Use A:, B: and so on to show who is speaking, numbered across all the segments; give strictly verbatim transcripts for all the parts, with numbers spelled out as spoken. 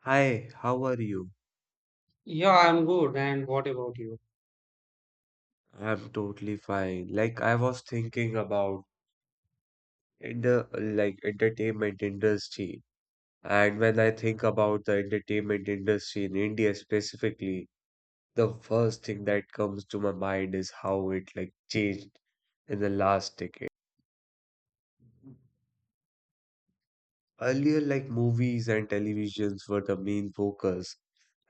A: Hi, how are you?
B: Yeah, I'm good. And what about you?
A: I'm totally fine. Like I was thinking about in the like entertainment industry, and when I think about the entertainment industry in India specifically, the first thing that comes to my mind is how it like changed in the last decade. Earlier, like movies and televisions were the main focus,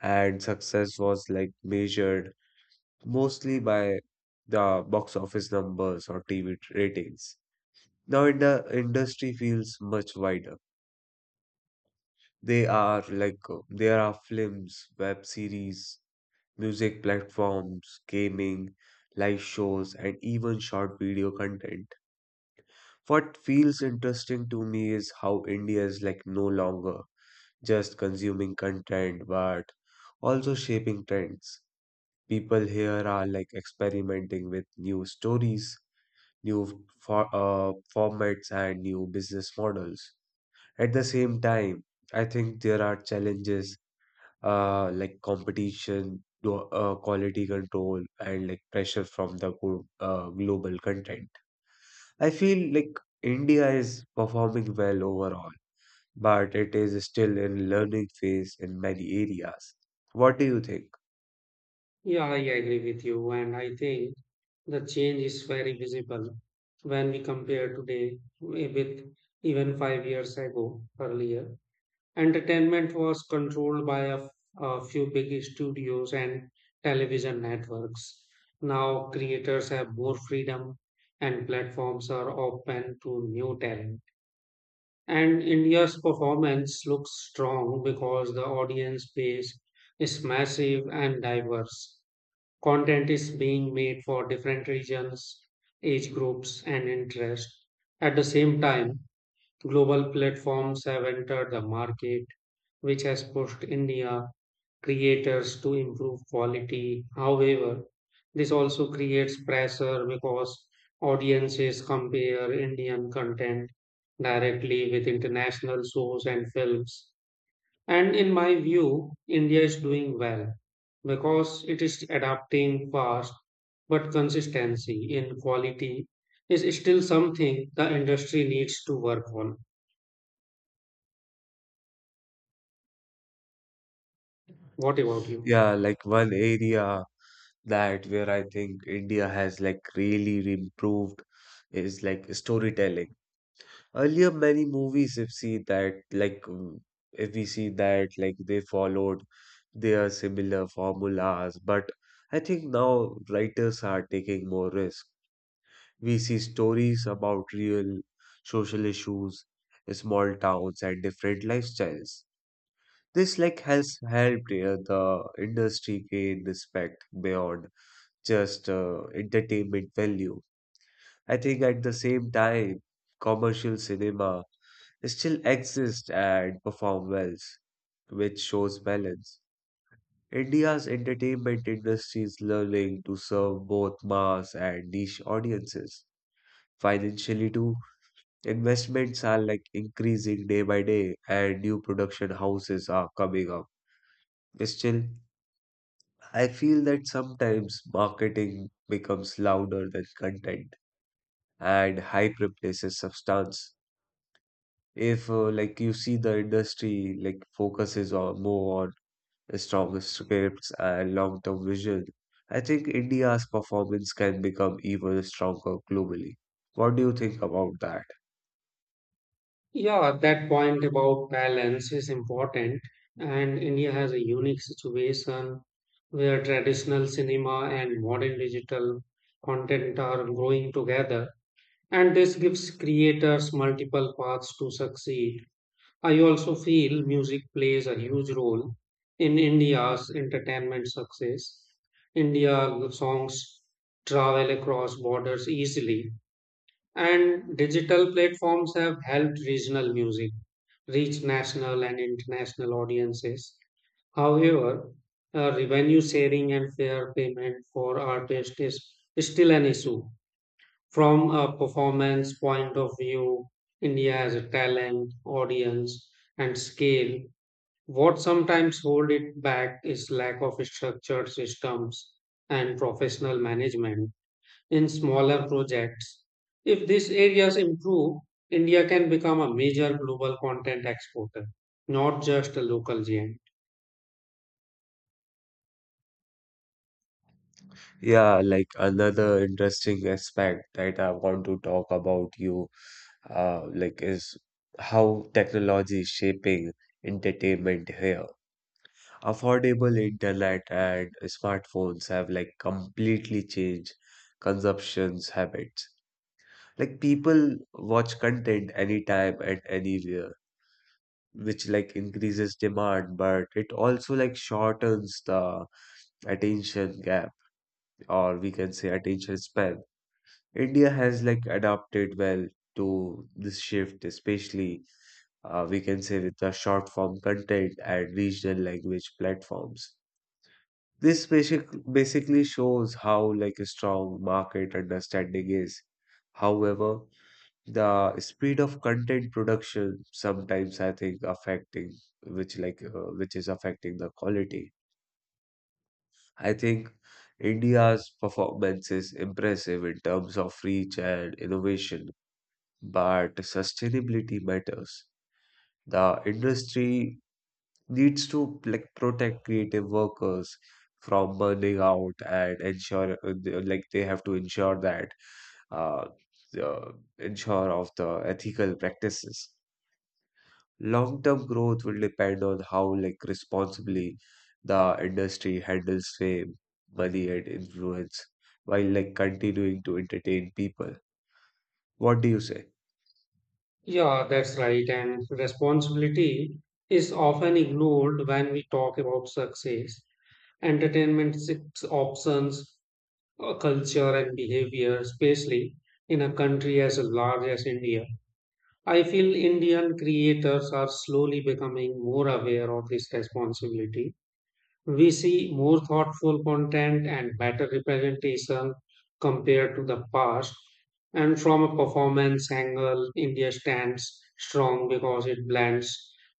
A: and success was like measured mostly by the box office numbers or T V ratings. Now in the industry feels much wider. They are like uh, there are films, web series, music platforms, gaming, live shows, and even short video content. What feels interesting to me is how India is like no longer just consuming content but also shaping trends. People here are like experimenting with new stories, new for, uh, formats, and new business models. At the same time, I think there are challenges uh, like competition, glo- uh, quality control, and like pressure from the go- uh, global content. I feel like India is performing well overall, but it is still in learning phase in many areas. What do you think?
B: Yeah, I agree with you. And I think the change is very visible when we compare today with even five years ago earlier. Entertainment was controlled by a a few big studios and television networks. Now creators have more freedom and platforms are open to new talent. And India's performance looks strong because the audience base is massive and diverse. Content is being made for different regions, age groups, and interests. At the same time, global platforms have entered the market, which has pushed India creators to improve quality. However, this also creates pressure because audiences compare Indian content directly with international shows and films. And in my view, India is doing well because it is adapting fast, but consistency in quality is still something the industry needs to work on. What about you?
A: Yeah, like one area that where I think India has like really improved is like storytelling. Earlier, many movies, if see that, like mm, if we see that, like they followed their similar formulas, but I think now writers are taking more risk. We see stories about real social issues, small towns, and different lifestyles. This like has helped uh, the industry gain respect beyond just uh, entertainment value. I think at the same time, commercial cinema still exist and perform well, which shows balance. India's entertainment industry is learning to serve both mass and niche audiences. Financially, too, investments are like increasing day by day, and new production houses are coming up. Still, I feel that sometimes marketing becomes louder than content, and hype replaces substance. If uh, like you see the industry like focuses on more stronger scripts, and long term vision, I think India's performance can become even stronger globally. What do you think about that?
B: Yeah, that point about balance is important, and India has a unique situation where traditional cinema and modern digital content are growing together, and this gives creators multiple paths to succeed. I also feel music plays a huge role in India's entertainment success. India songs travel across borders easily, and digital platforms have helped regional music reach national and international audiences. However, uh, revenue sharing and fair payment for artists is still an issue. From a performance point of view, India has a talent, audience, and scale. What sometimes hold it back is lack of structured systems and professional management in smaller projects. If these areas improve, India can become a major global content exporter, not just a local giant.
A: Yeah, like another interesting aspect that I want to talk about you, uh, like is how technology is shaping entertainment here. Affordable internet and smartphones have like completely changed consumption's habits. Like people watch content anytime and anywhere which like increases demand, but it also like shortens the attention gap, or we can say attention span. India has like adapted well to this shift, especially uh, we can say with the short form content and regional language platforms. This basic, basically shows how like a strong market understanding is. However, the speed of content production sometimes I think affecting which like uh, which is affecting the quality. I think India's performance is impressive in terms of reach and innovation, but sustainability matters. The industry needs to like protect creative workers from burning out and ensure uh, they- like they have to ensure that uh, the ensure of the ethical practices. Long-term growth will depend on how like responsibly the industry handles fame, money, and influence while like continuing to entertain people. What do you say?
B: Yeah, that's right. And responsibility is often ignored when we talk about success. Entertainment six options, uh, culture and behavior, especially in a country as large as India. I feel Indian creators are slowly becoming more aware of this responsibility. We see more thoughtful content and better representation compared to the past. And from a performance angle, India stands strong because it blends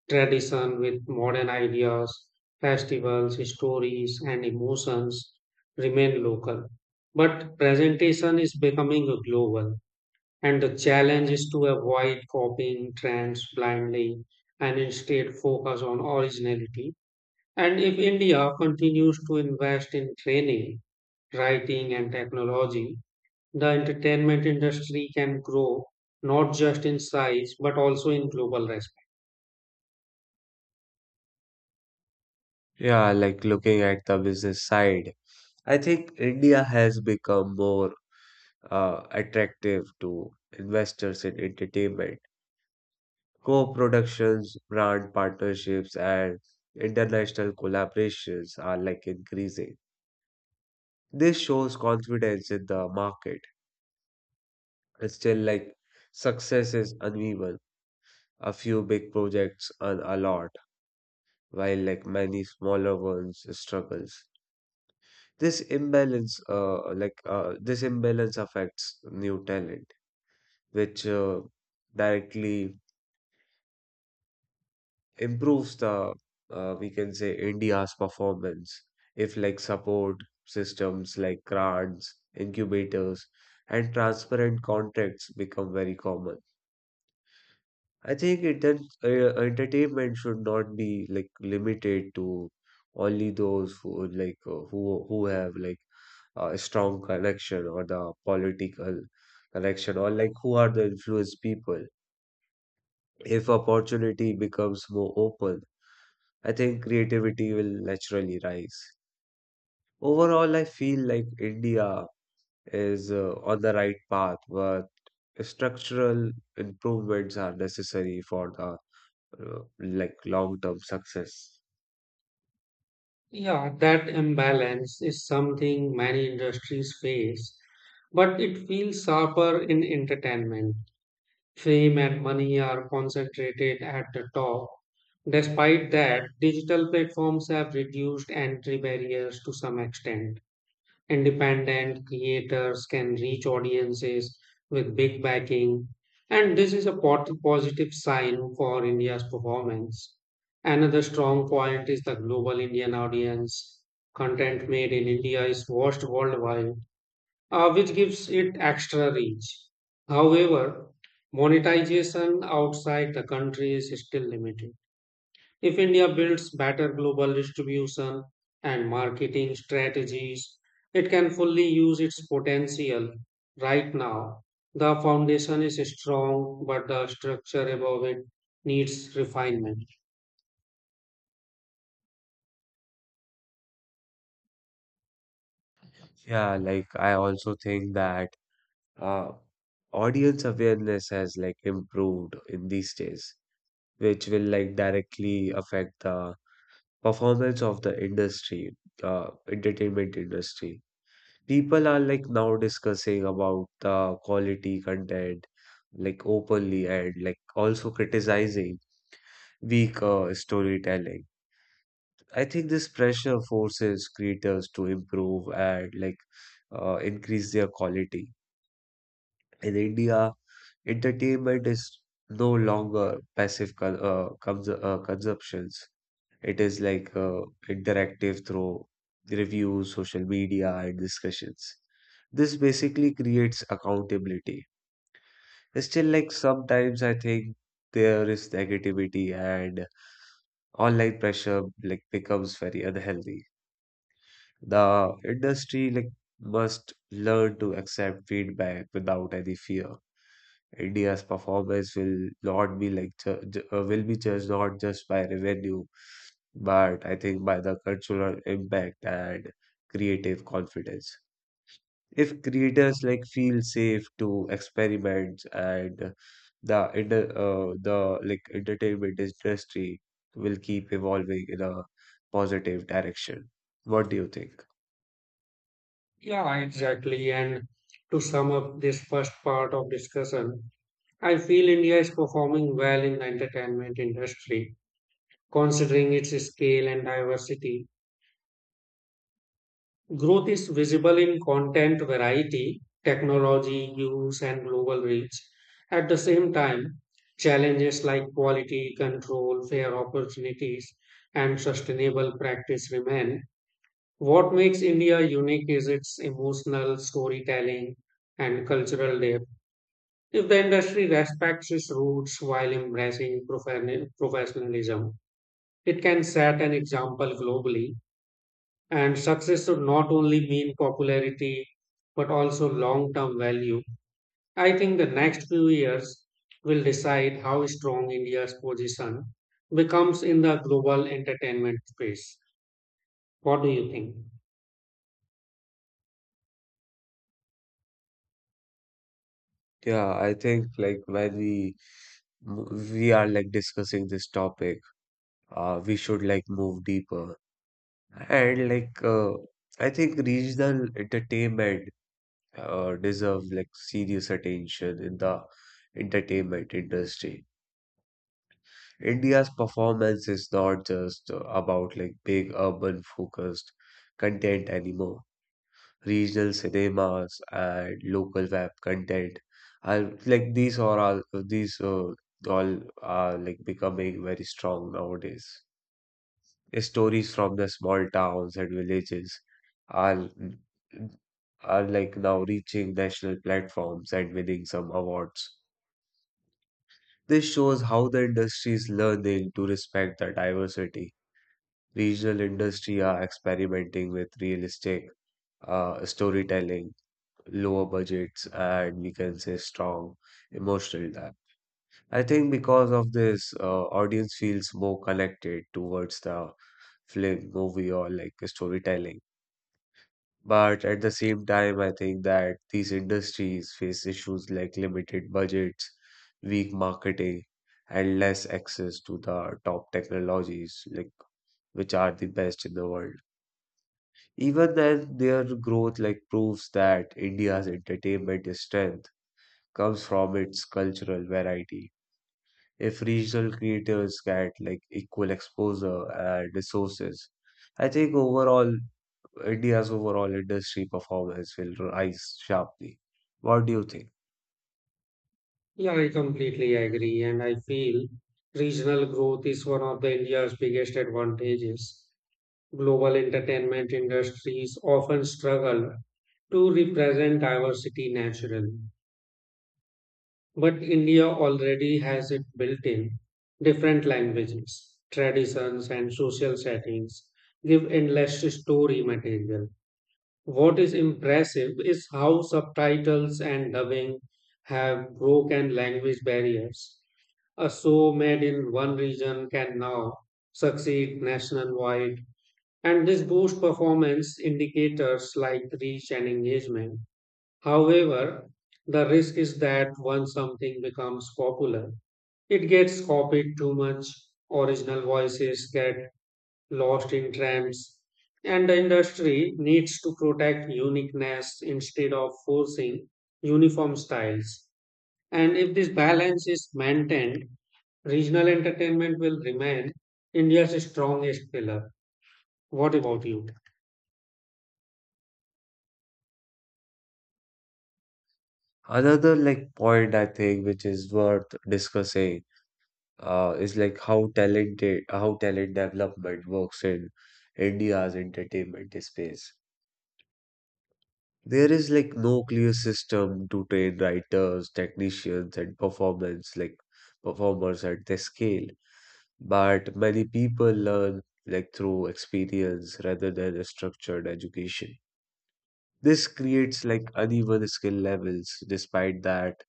B: tradition with modern ideas, festivals, stories, and emotions remain local. But presentation is becoming global, and the challenge is to avoid copying trends blindly and instead focus on originality and if India continues to invest in training, writing, and technology, the entertainment industry can grow not just in size but also in global respect.
A: Yeah, like looking at the business side, I think India has become more uh, attractive to investors in entertainment. Co-productions, brand partnerships, and international collaborations are like increasing. This shows confidence in the market. Still, like success is uneven. A few big projects earn a lot, while like many smaller ones struggles. This imbalance, uh, like uh, this imbalance affects new talent, which uh, directly improves the uh, we can say India's performance. If like support systems like grants, incubators, and transparent contracts become very common, I think enter uh, entertainment should not be like limited to only those who like uh, who who have like a strong connection or the political connection or like who are the influenced people. If opportunity becomes more open, I think creativity will naturally rise. Overall, I feel like India is uh, on the right path, but structural improvements are necessary for the uh, like long-term success.
B: Yeah, that imbalance is something many industries face, but it feels sharper in entertainment. Fame and money are concentrated at the top. Despite that, digital platforms have reduced entry barriers to some extent. Independent creators can reach audiences with big backing, and this is a pot- positive sign for India's performance. Another strong point is the global Indian audience. Content made in India is watched worldwide, uh, which gives it extra reach. However, monetization outside the country is still limited. If India builds better global distribution and marketing strategies, it can fully use its potential. Right now, the foundation is strong, but the structure above it needs refinement.
A: Yeah, like I also think that uh, audience awareness has like improved in these days, which will like directly affect the performance of the industry, uh, entertainment industry. People are like now discussing about the quality content, like openly and like also criticizing weak uh, storytelling. I think this pressure forces creators to improve and like uh, increase their quality. In India, entertainment is no longer passive con uh, cons uh, consumptions. It is like uh, interactive through reviews, social media, and discussions. This basically creates accountability. Still, like sometimes I think there is negativity and online pressure like becomes very unhealthy. The industry like must learn to accept feedback without any fear. India's performance will not be like ju ju- uh, will be judged not just by revenue, but I think by the cultural impact and creative confidence. If creators like feel safe to experiment and the inter- uh, the like entertainment industry will keep evolving in a positive direction. What do you think?
B: Yeah, exactly. And to sum up this first part of discussion, I feel India is performing well in the entertainment industry, considering its scale and diversity. Growth is visible in content variety, technology use, and global reach. At the same time, challenges like quality control, fair opportunities, and sustainable practice remain. What makes India unique is its emotional storytelling and cultural depth. If the industry respects its roots while embracing profane- professionalism, it can set an example globally and success should not only mean popularity, but also long term value. I think the next few years will decide how strong India's position becomes in the global entertainment space. What do you think?
A: Yeah, I think like when we we are like discussing this topic, uh, we should like move deeper. And like uh, I think regional entertainment uh, deserves like serious attention in the entertainment industry. India's performance is not just uh, about like big urban focused content anymore. Regional cinemas and local web content and like these are all these uh, all are like becoming very strong nowadays. Stories from the small towns and villages are are like now reaching national platforms and winning some awards. This shows how the industry is learning to respect the diversity. Regional industry are experimenting with realistic uh, storytelling, lower budgets, and we can say strong emotional depth. I think because of this, uh, audience feels more connected towards the film, movie, or like storytelling. But at the same time, I think that these industries face issues like limited budgets, weak marketing, and less access to the top technologies like which are the best in the world. Even then, their growth like proves that India's entertainment strength comes from its cultural variety. If regional creators get like equal exposure and resources, I think overall India's overall industry performance will rise sharply. What do you think?
B: Yeah, I completely agree. And I feel regional growth is one of the India's biggest advantages. Global entertainment industries often struggle to represent diversity naturally. But India already has it built in. Different languages, traditions, and social settings give endless story material. What is impressive is how subtitles and dubbing have broken language barriers. A show made in one region can now succeed nationwide, and this boosts performance indicators like reach and engagement. However, the risk is that once something becomes popular, it gets copied too much, original voices get lost in trends, and the industry needs to protect uniqueness instead of forcing uniform styles. And if this balance is maintained, regional entertainment will remain India's strongest pillar. What about you?
A: Another like point I think which is worth discussing uh, is like how talented how talent development works in India's entertainment space. There is like no clear system to train writers, technicians, and performance like performers at this scale. But many people learn like through experience rather than a structured education. This creates like uneven skill levels. Despite that,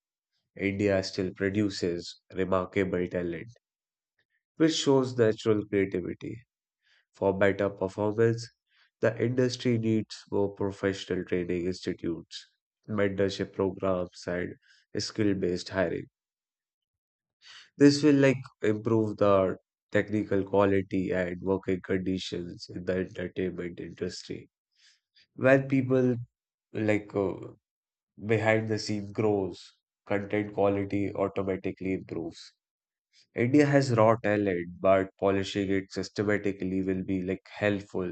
A: India still produces remarkable talent, which shows natural creativity. For better performance, the industry needs more professional training institutes, mentorship programs, and skill-based hiring. This will like improve the technical quality and working conditions in the entertainment industry. When people like uh, behind the scene grows, content quality automatically improves. India has raw talent, but polishing it systematically will be like helpful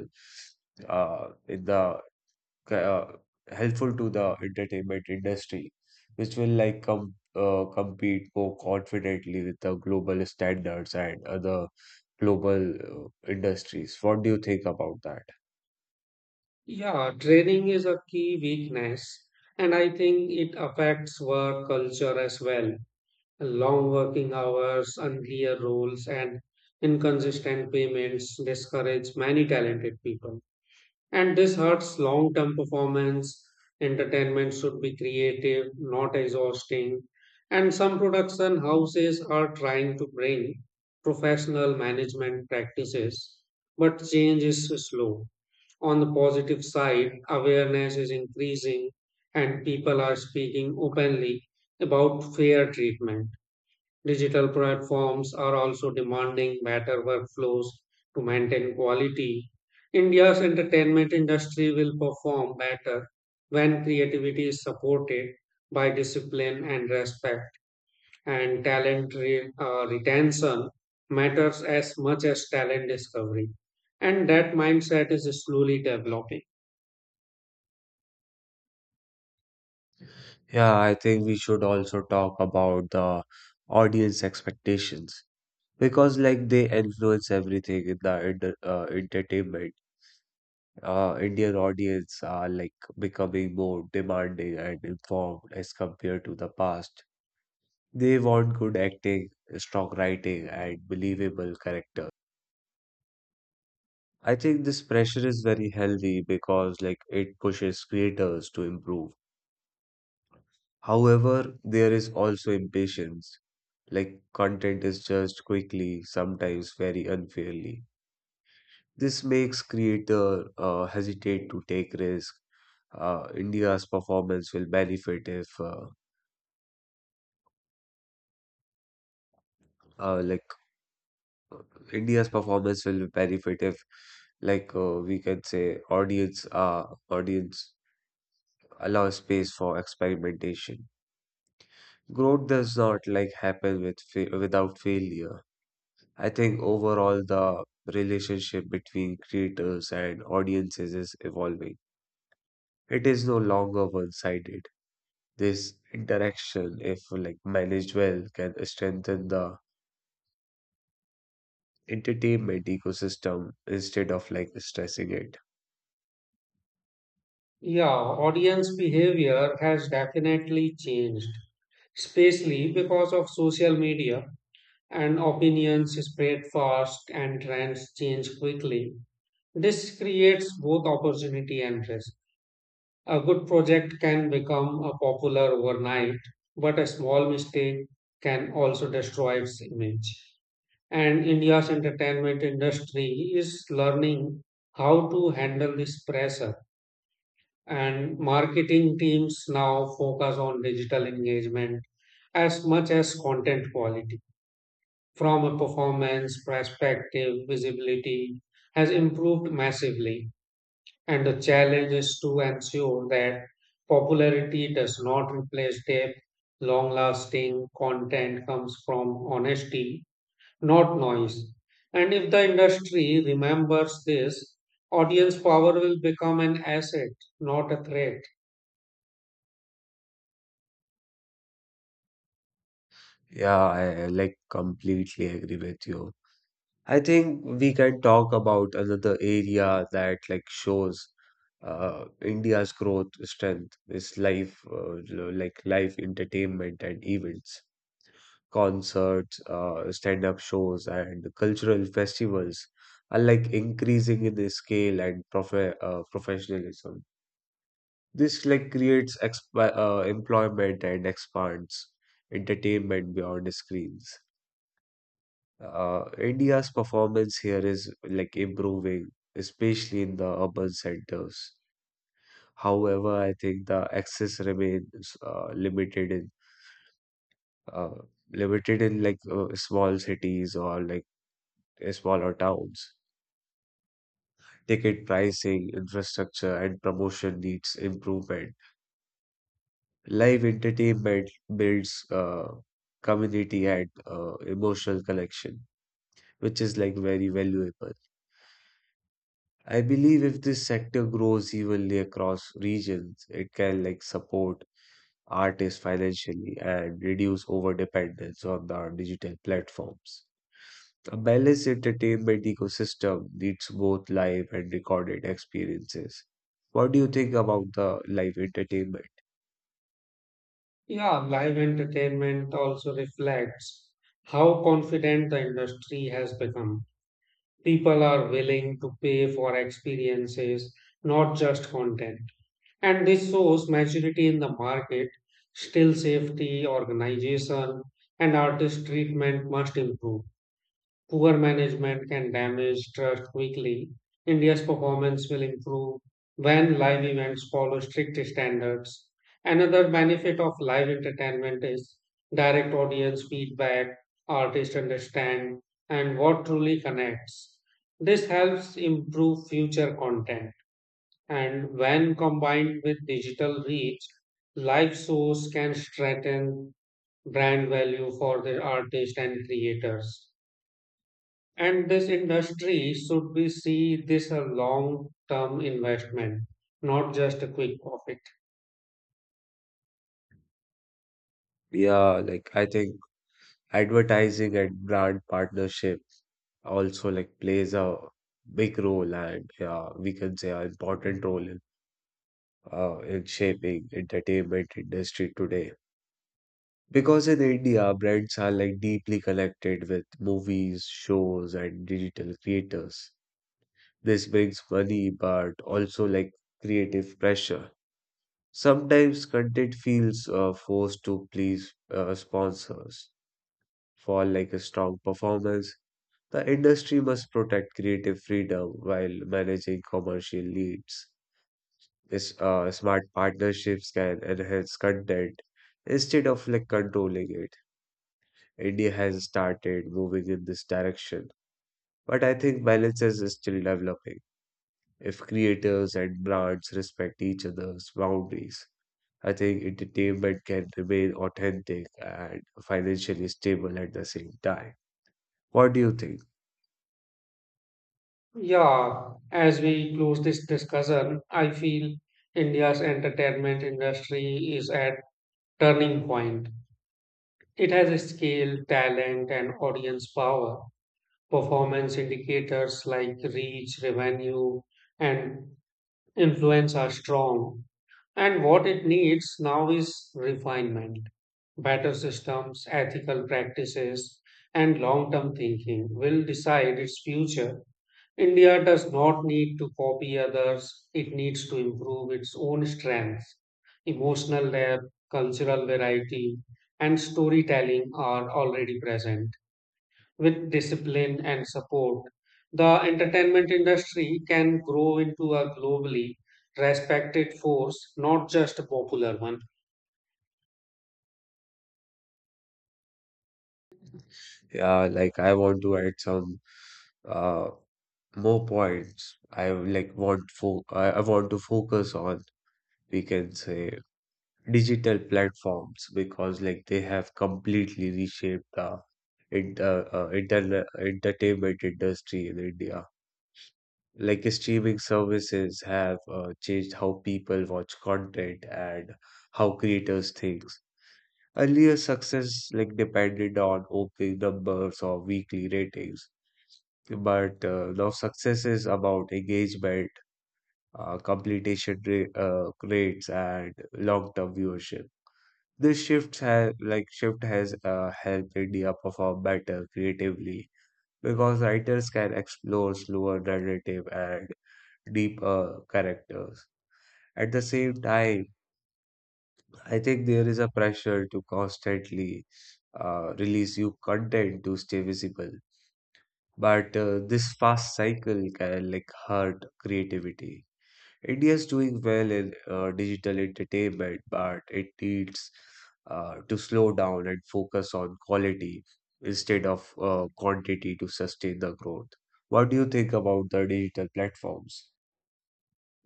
A: uh, in the uh, helpful to the entertainment industry, which will like com uh, compete more confidently with the global standards and other global uh, industries. What do you think about that?
B: Yeah, training is a key weakness, and I think it affects work culture as well. Long working hours, unclear rules, and inconsistent payments discourage many talented people. And this hurts long term performance. Entertainment should be creative, not exhausting. And some production houses are trying to bring professional management practices, but change is slow. On the positive side, awareness is increasing and people are speaking openly about fair treatment. Digital platforms are also demanding better workflows to maintain quality. India's entertainment industry will perform better when creativity is supported by discipline and respect, and talent re- uh, retention matters as much as talent discovery. And that mindset is slowly developing.
A: Yeah, I think we should also talk about the audience expectations because like they influence everything in the inter uh, entertainment. Uh, Indian audience are like becoming more demanding and informed as compared to the past. They want good acting, strong writing, and believable character. I think this pressure is very healthy because like it pushes creators to improve. However, there is also impatience. Like content is judged quickly, sometimes very unfairly. This makes creator uh, hesitate to take risk. Uh, India's performance will benefit if uh, uh, like uh, India's performance will benefit if, like, uh, we can say, audience, uh, audience allow space for experimentation. Growth does not like happen with fa- without failure. I think overall the relationship between creators and audiences is evolving. It is no longer one-sided. This interaction, if like managed well, can strengthen the entertainment ecosystem instead of like stressing it.
B: Yeah, audience behavior has definitely changed, especially because of social media and opinions spread fast and trends change quickly. This creates both opportunity and risk. A good project can become a popular overnight, but a small mistake can also destroy its image. And India's entertainment industry is learning how to handle this pressure and marketing teams now focus on digital engagement as much as content quality. From a performance perspective, visibility has improved massively, and the challenge is to ensure that popularity does not replace depth. Long lasting content comes from honesty, not noise. And if the industry remembers this, audience power will become an asset, not a threat.
A: Yeah, I I, like completely agree with you. I think we can talk about another area that like shows uh, India's growth strength is life, uh, l- like live entertainment and events, concerts, uh, stand-up shows, and cultural festivals are like increasing in the scale and profe uh, professionalism. This like creates exp uh, employment and expands entertainment beyond screens. Uh, India's performance here is like improving, especially in the urban centers. However, I think the access remains uh, limited in uh, limited in like uh, small cities or like uh, smaller towns. Ticket pricing, infrastructure, and promotion needs improvement. Live entertainment builds uh, community and uh, emotional connection, which is like very valuable. I believe if this sector grows evenly across regions, it can like support artists financially and reduce over dependence on the digital platforms. A balanced entertainment ecosystem needs both live and recorded experiences. What do you think about the live entertainment?
B: Yeah, live entertainment also reflects how confident the industry has become. People are willing to pay for experiences, not just content. And this shows maturity in the market. Still, safety, organization, and artist treatment must improve. Poor management can damage trust quickly. India's performance will improve when live events follow strict standards. Another benefit of live entertainment is direct audience feedback, artists understand, and what truly connects. This helps improve future content. And when combined with digital reach, live shows can strengthen brand value for the artists and creators. And this industry should be see this a long-term investment, not just a quick profit.
A: Yeah, like I think advertising and brand partnership also like plays a big role and yeah, we can say an important role in. Uh, in shaping entertainment industry today. Because in India, brands are like deeply connected with movies, shows, and digital creators. This brings money, but also like creative pressure. Sometimes content feels uh, forced to please uh, sponsors for like a strong performance. The industry must protect creative freedom while managing commercial needs. This uh, smart partnerships can enhance content instead of like controlling it. India has started moving in this direction, but I think balance is still developing. If creators and brands respect each other's boundaries, I think entertainment can remain authentic and financially stable at the same time. What do you think?
B: Yeah, as we close this discussion, I feel India's entertainment industry is at turning point. It has scale, talent, and audience power. Performance indicators like reach, revenue, and influence are strong. And what it needs now is refinement, better systems, ethical practices, and long term thinking will decide its future. India does not need to copy others, it needs to improve its own strengths. Emotional depth, cultural variety, and storytelling are already present with discipline and support, the entertainment industry can grow into a globally respected force, not just a popular one.
A: Yeah, like I want to add some uh more points. I like want fo I, I want to focus on we can say digital platforms because like they have completely reshaped the in- uh, uh, inter- entertainment industry in India. Like streaming services have uh, changed how people watch content and how creators think. Earlier success like depended on opening numbers or weekly ratings, but uh, now success is about engagement, uh, completion ra- uh, rates, and long-term viewership. This shifts have like shift has uh, helped India perform better creatively because writers can explore slower narrative and deeper characters. At the same time, I think there is a pressure to constantly uh, release new content to stay visible. But uh, this fast cycle can like hurt creativity. India is doing well in uh, digital entertainment, but it needs uh, to slow down and focus on quality instead of uh, quantity to sustain the growth. What do you think about the digital platforms?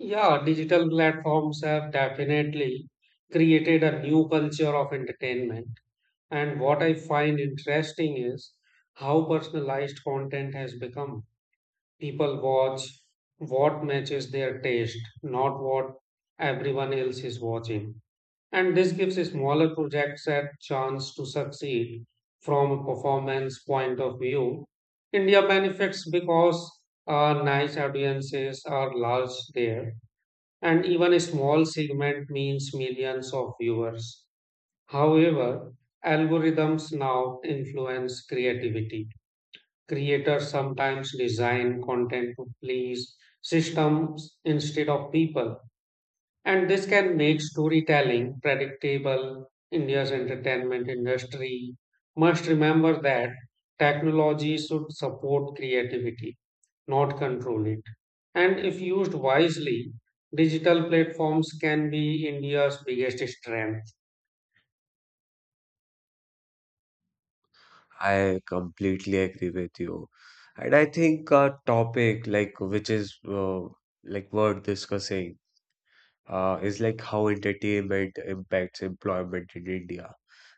B: Yeah, digital platforms have definitely created a new culture of entertainment. And what I find interesting is how personalized content has become. People watch what matches their taste, not what everyone else is watching. And this gives smaller projects a chance to succeed from a performance point of view. India benefits because uh, nice audiences are large there, and even a small segment means millions of viewers. However, algorithms now influence creativity. Creators sometimes design content to please systems instead of people and this can make storytelling predictable. India's entertainment industry must remember that technology should support creativity, not control it. And if used wisely, digital platforms can be India's biggest strength.
A: I completely agree with you. And I think a topic like which is uh, like worth discussing uh, is like how entertainment impacts employment in India.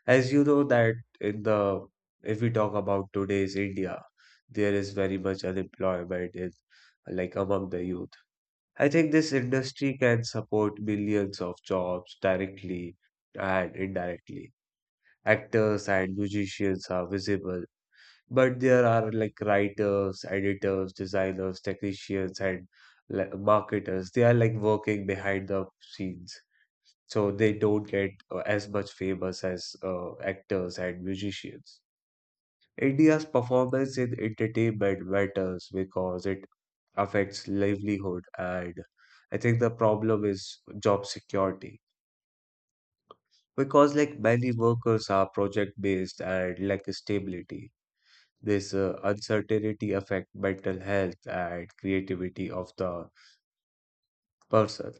A: As you know that in the if we talk about today's India, there is very much unemployment in like among the youth. I think this industry can support millions of jobs directly and indirectly. Actors and musicians are visible, but there are like writers, editors, designers, technicians, and like marketers. They are like working behind the scenes so they don't get uh, as much famous as uh, actors and musicians. India's performance in entertainment matters because it affects livelihood, and I think the problem is job security because like many workers are project based and lack stability. This uh, uncertainty affect mental health and creativity of the person.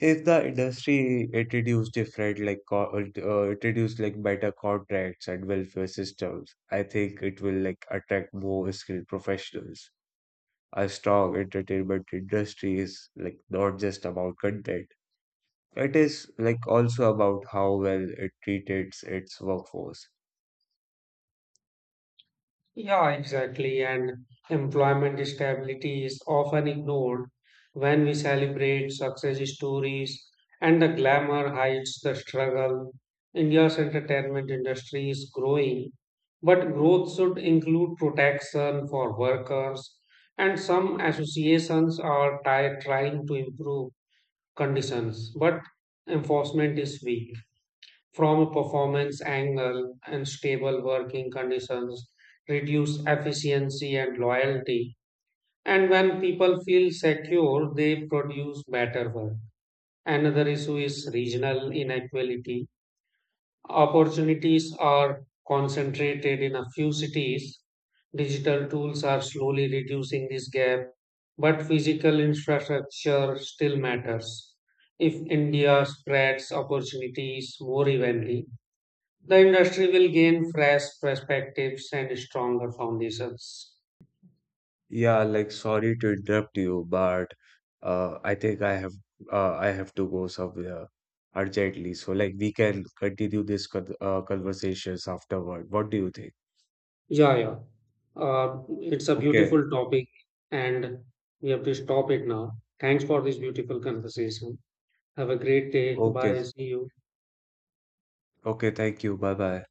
A: If the industry introduced different like co- uh, introduced like better contracts and welfare systems, I think it will like attract more skilled professionals. A strong entertainment industry is like not just about content. It is like also about how well it treats its workforce.
B: Yeah, exactly. And employment stability is often ignored when we celebrate success stories and the glamour hides the struggle. India's entertainment industry is growing, but growth should include protection for workers, and some associations are ti- trying to improve conditions, but enforcement is weak from a performance angle, and stable working conditions reduce efficiency and loyalty. And when people feel secure, they produce better work. Another issue is regional inequality. Opportunities are concentrated in a few cities. Digital tools are slowly reducing this gap, but physical infrastructure still matters. If India spreads opportunities more evenly, the industry will gain fresh perspectives and stronger foundations.
A: Yeah, like sorry to interrupt you, but uh, I think I have uh, I have to go somewhere urgently. So like we can continue this con uh, conversations afterward. What do you think?
B: Yeah, yeah. Uh, it's a
A: Okay,
B: beautiful topic, and we have to stop it now. Thanks for this beautiful conversation. Have a great day.
A: okay,
B: Bye. See you.
A: okay. Thank you. Bye bye.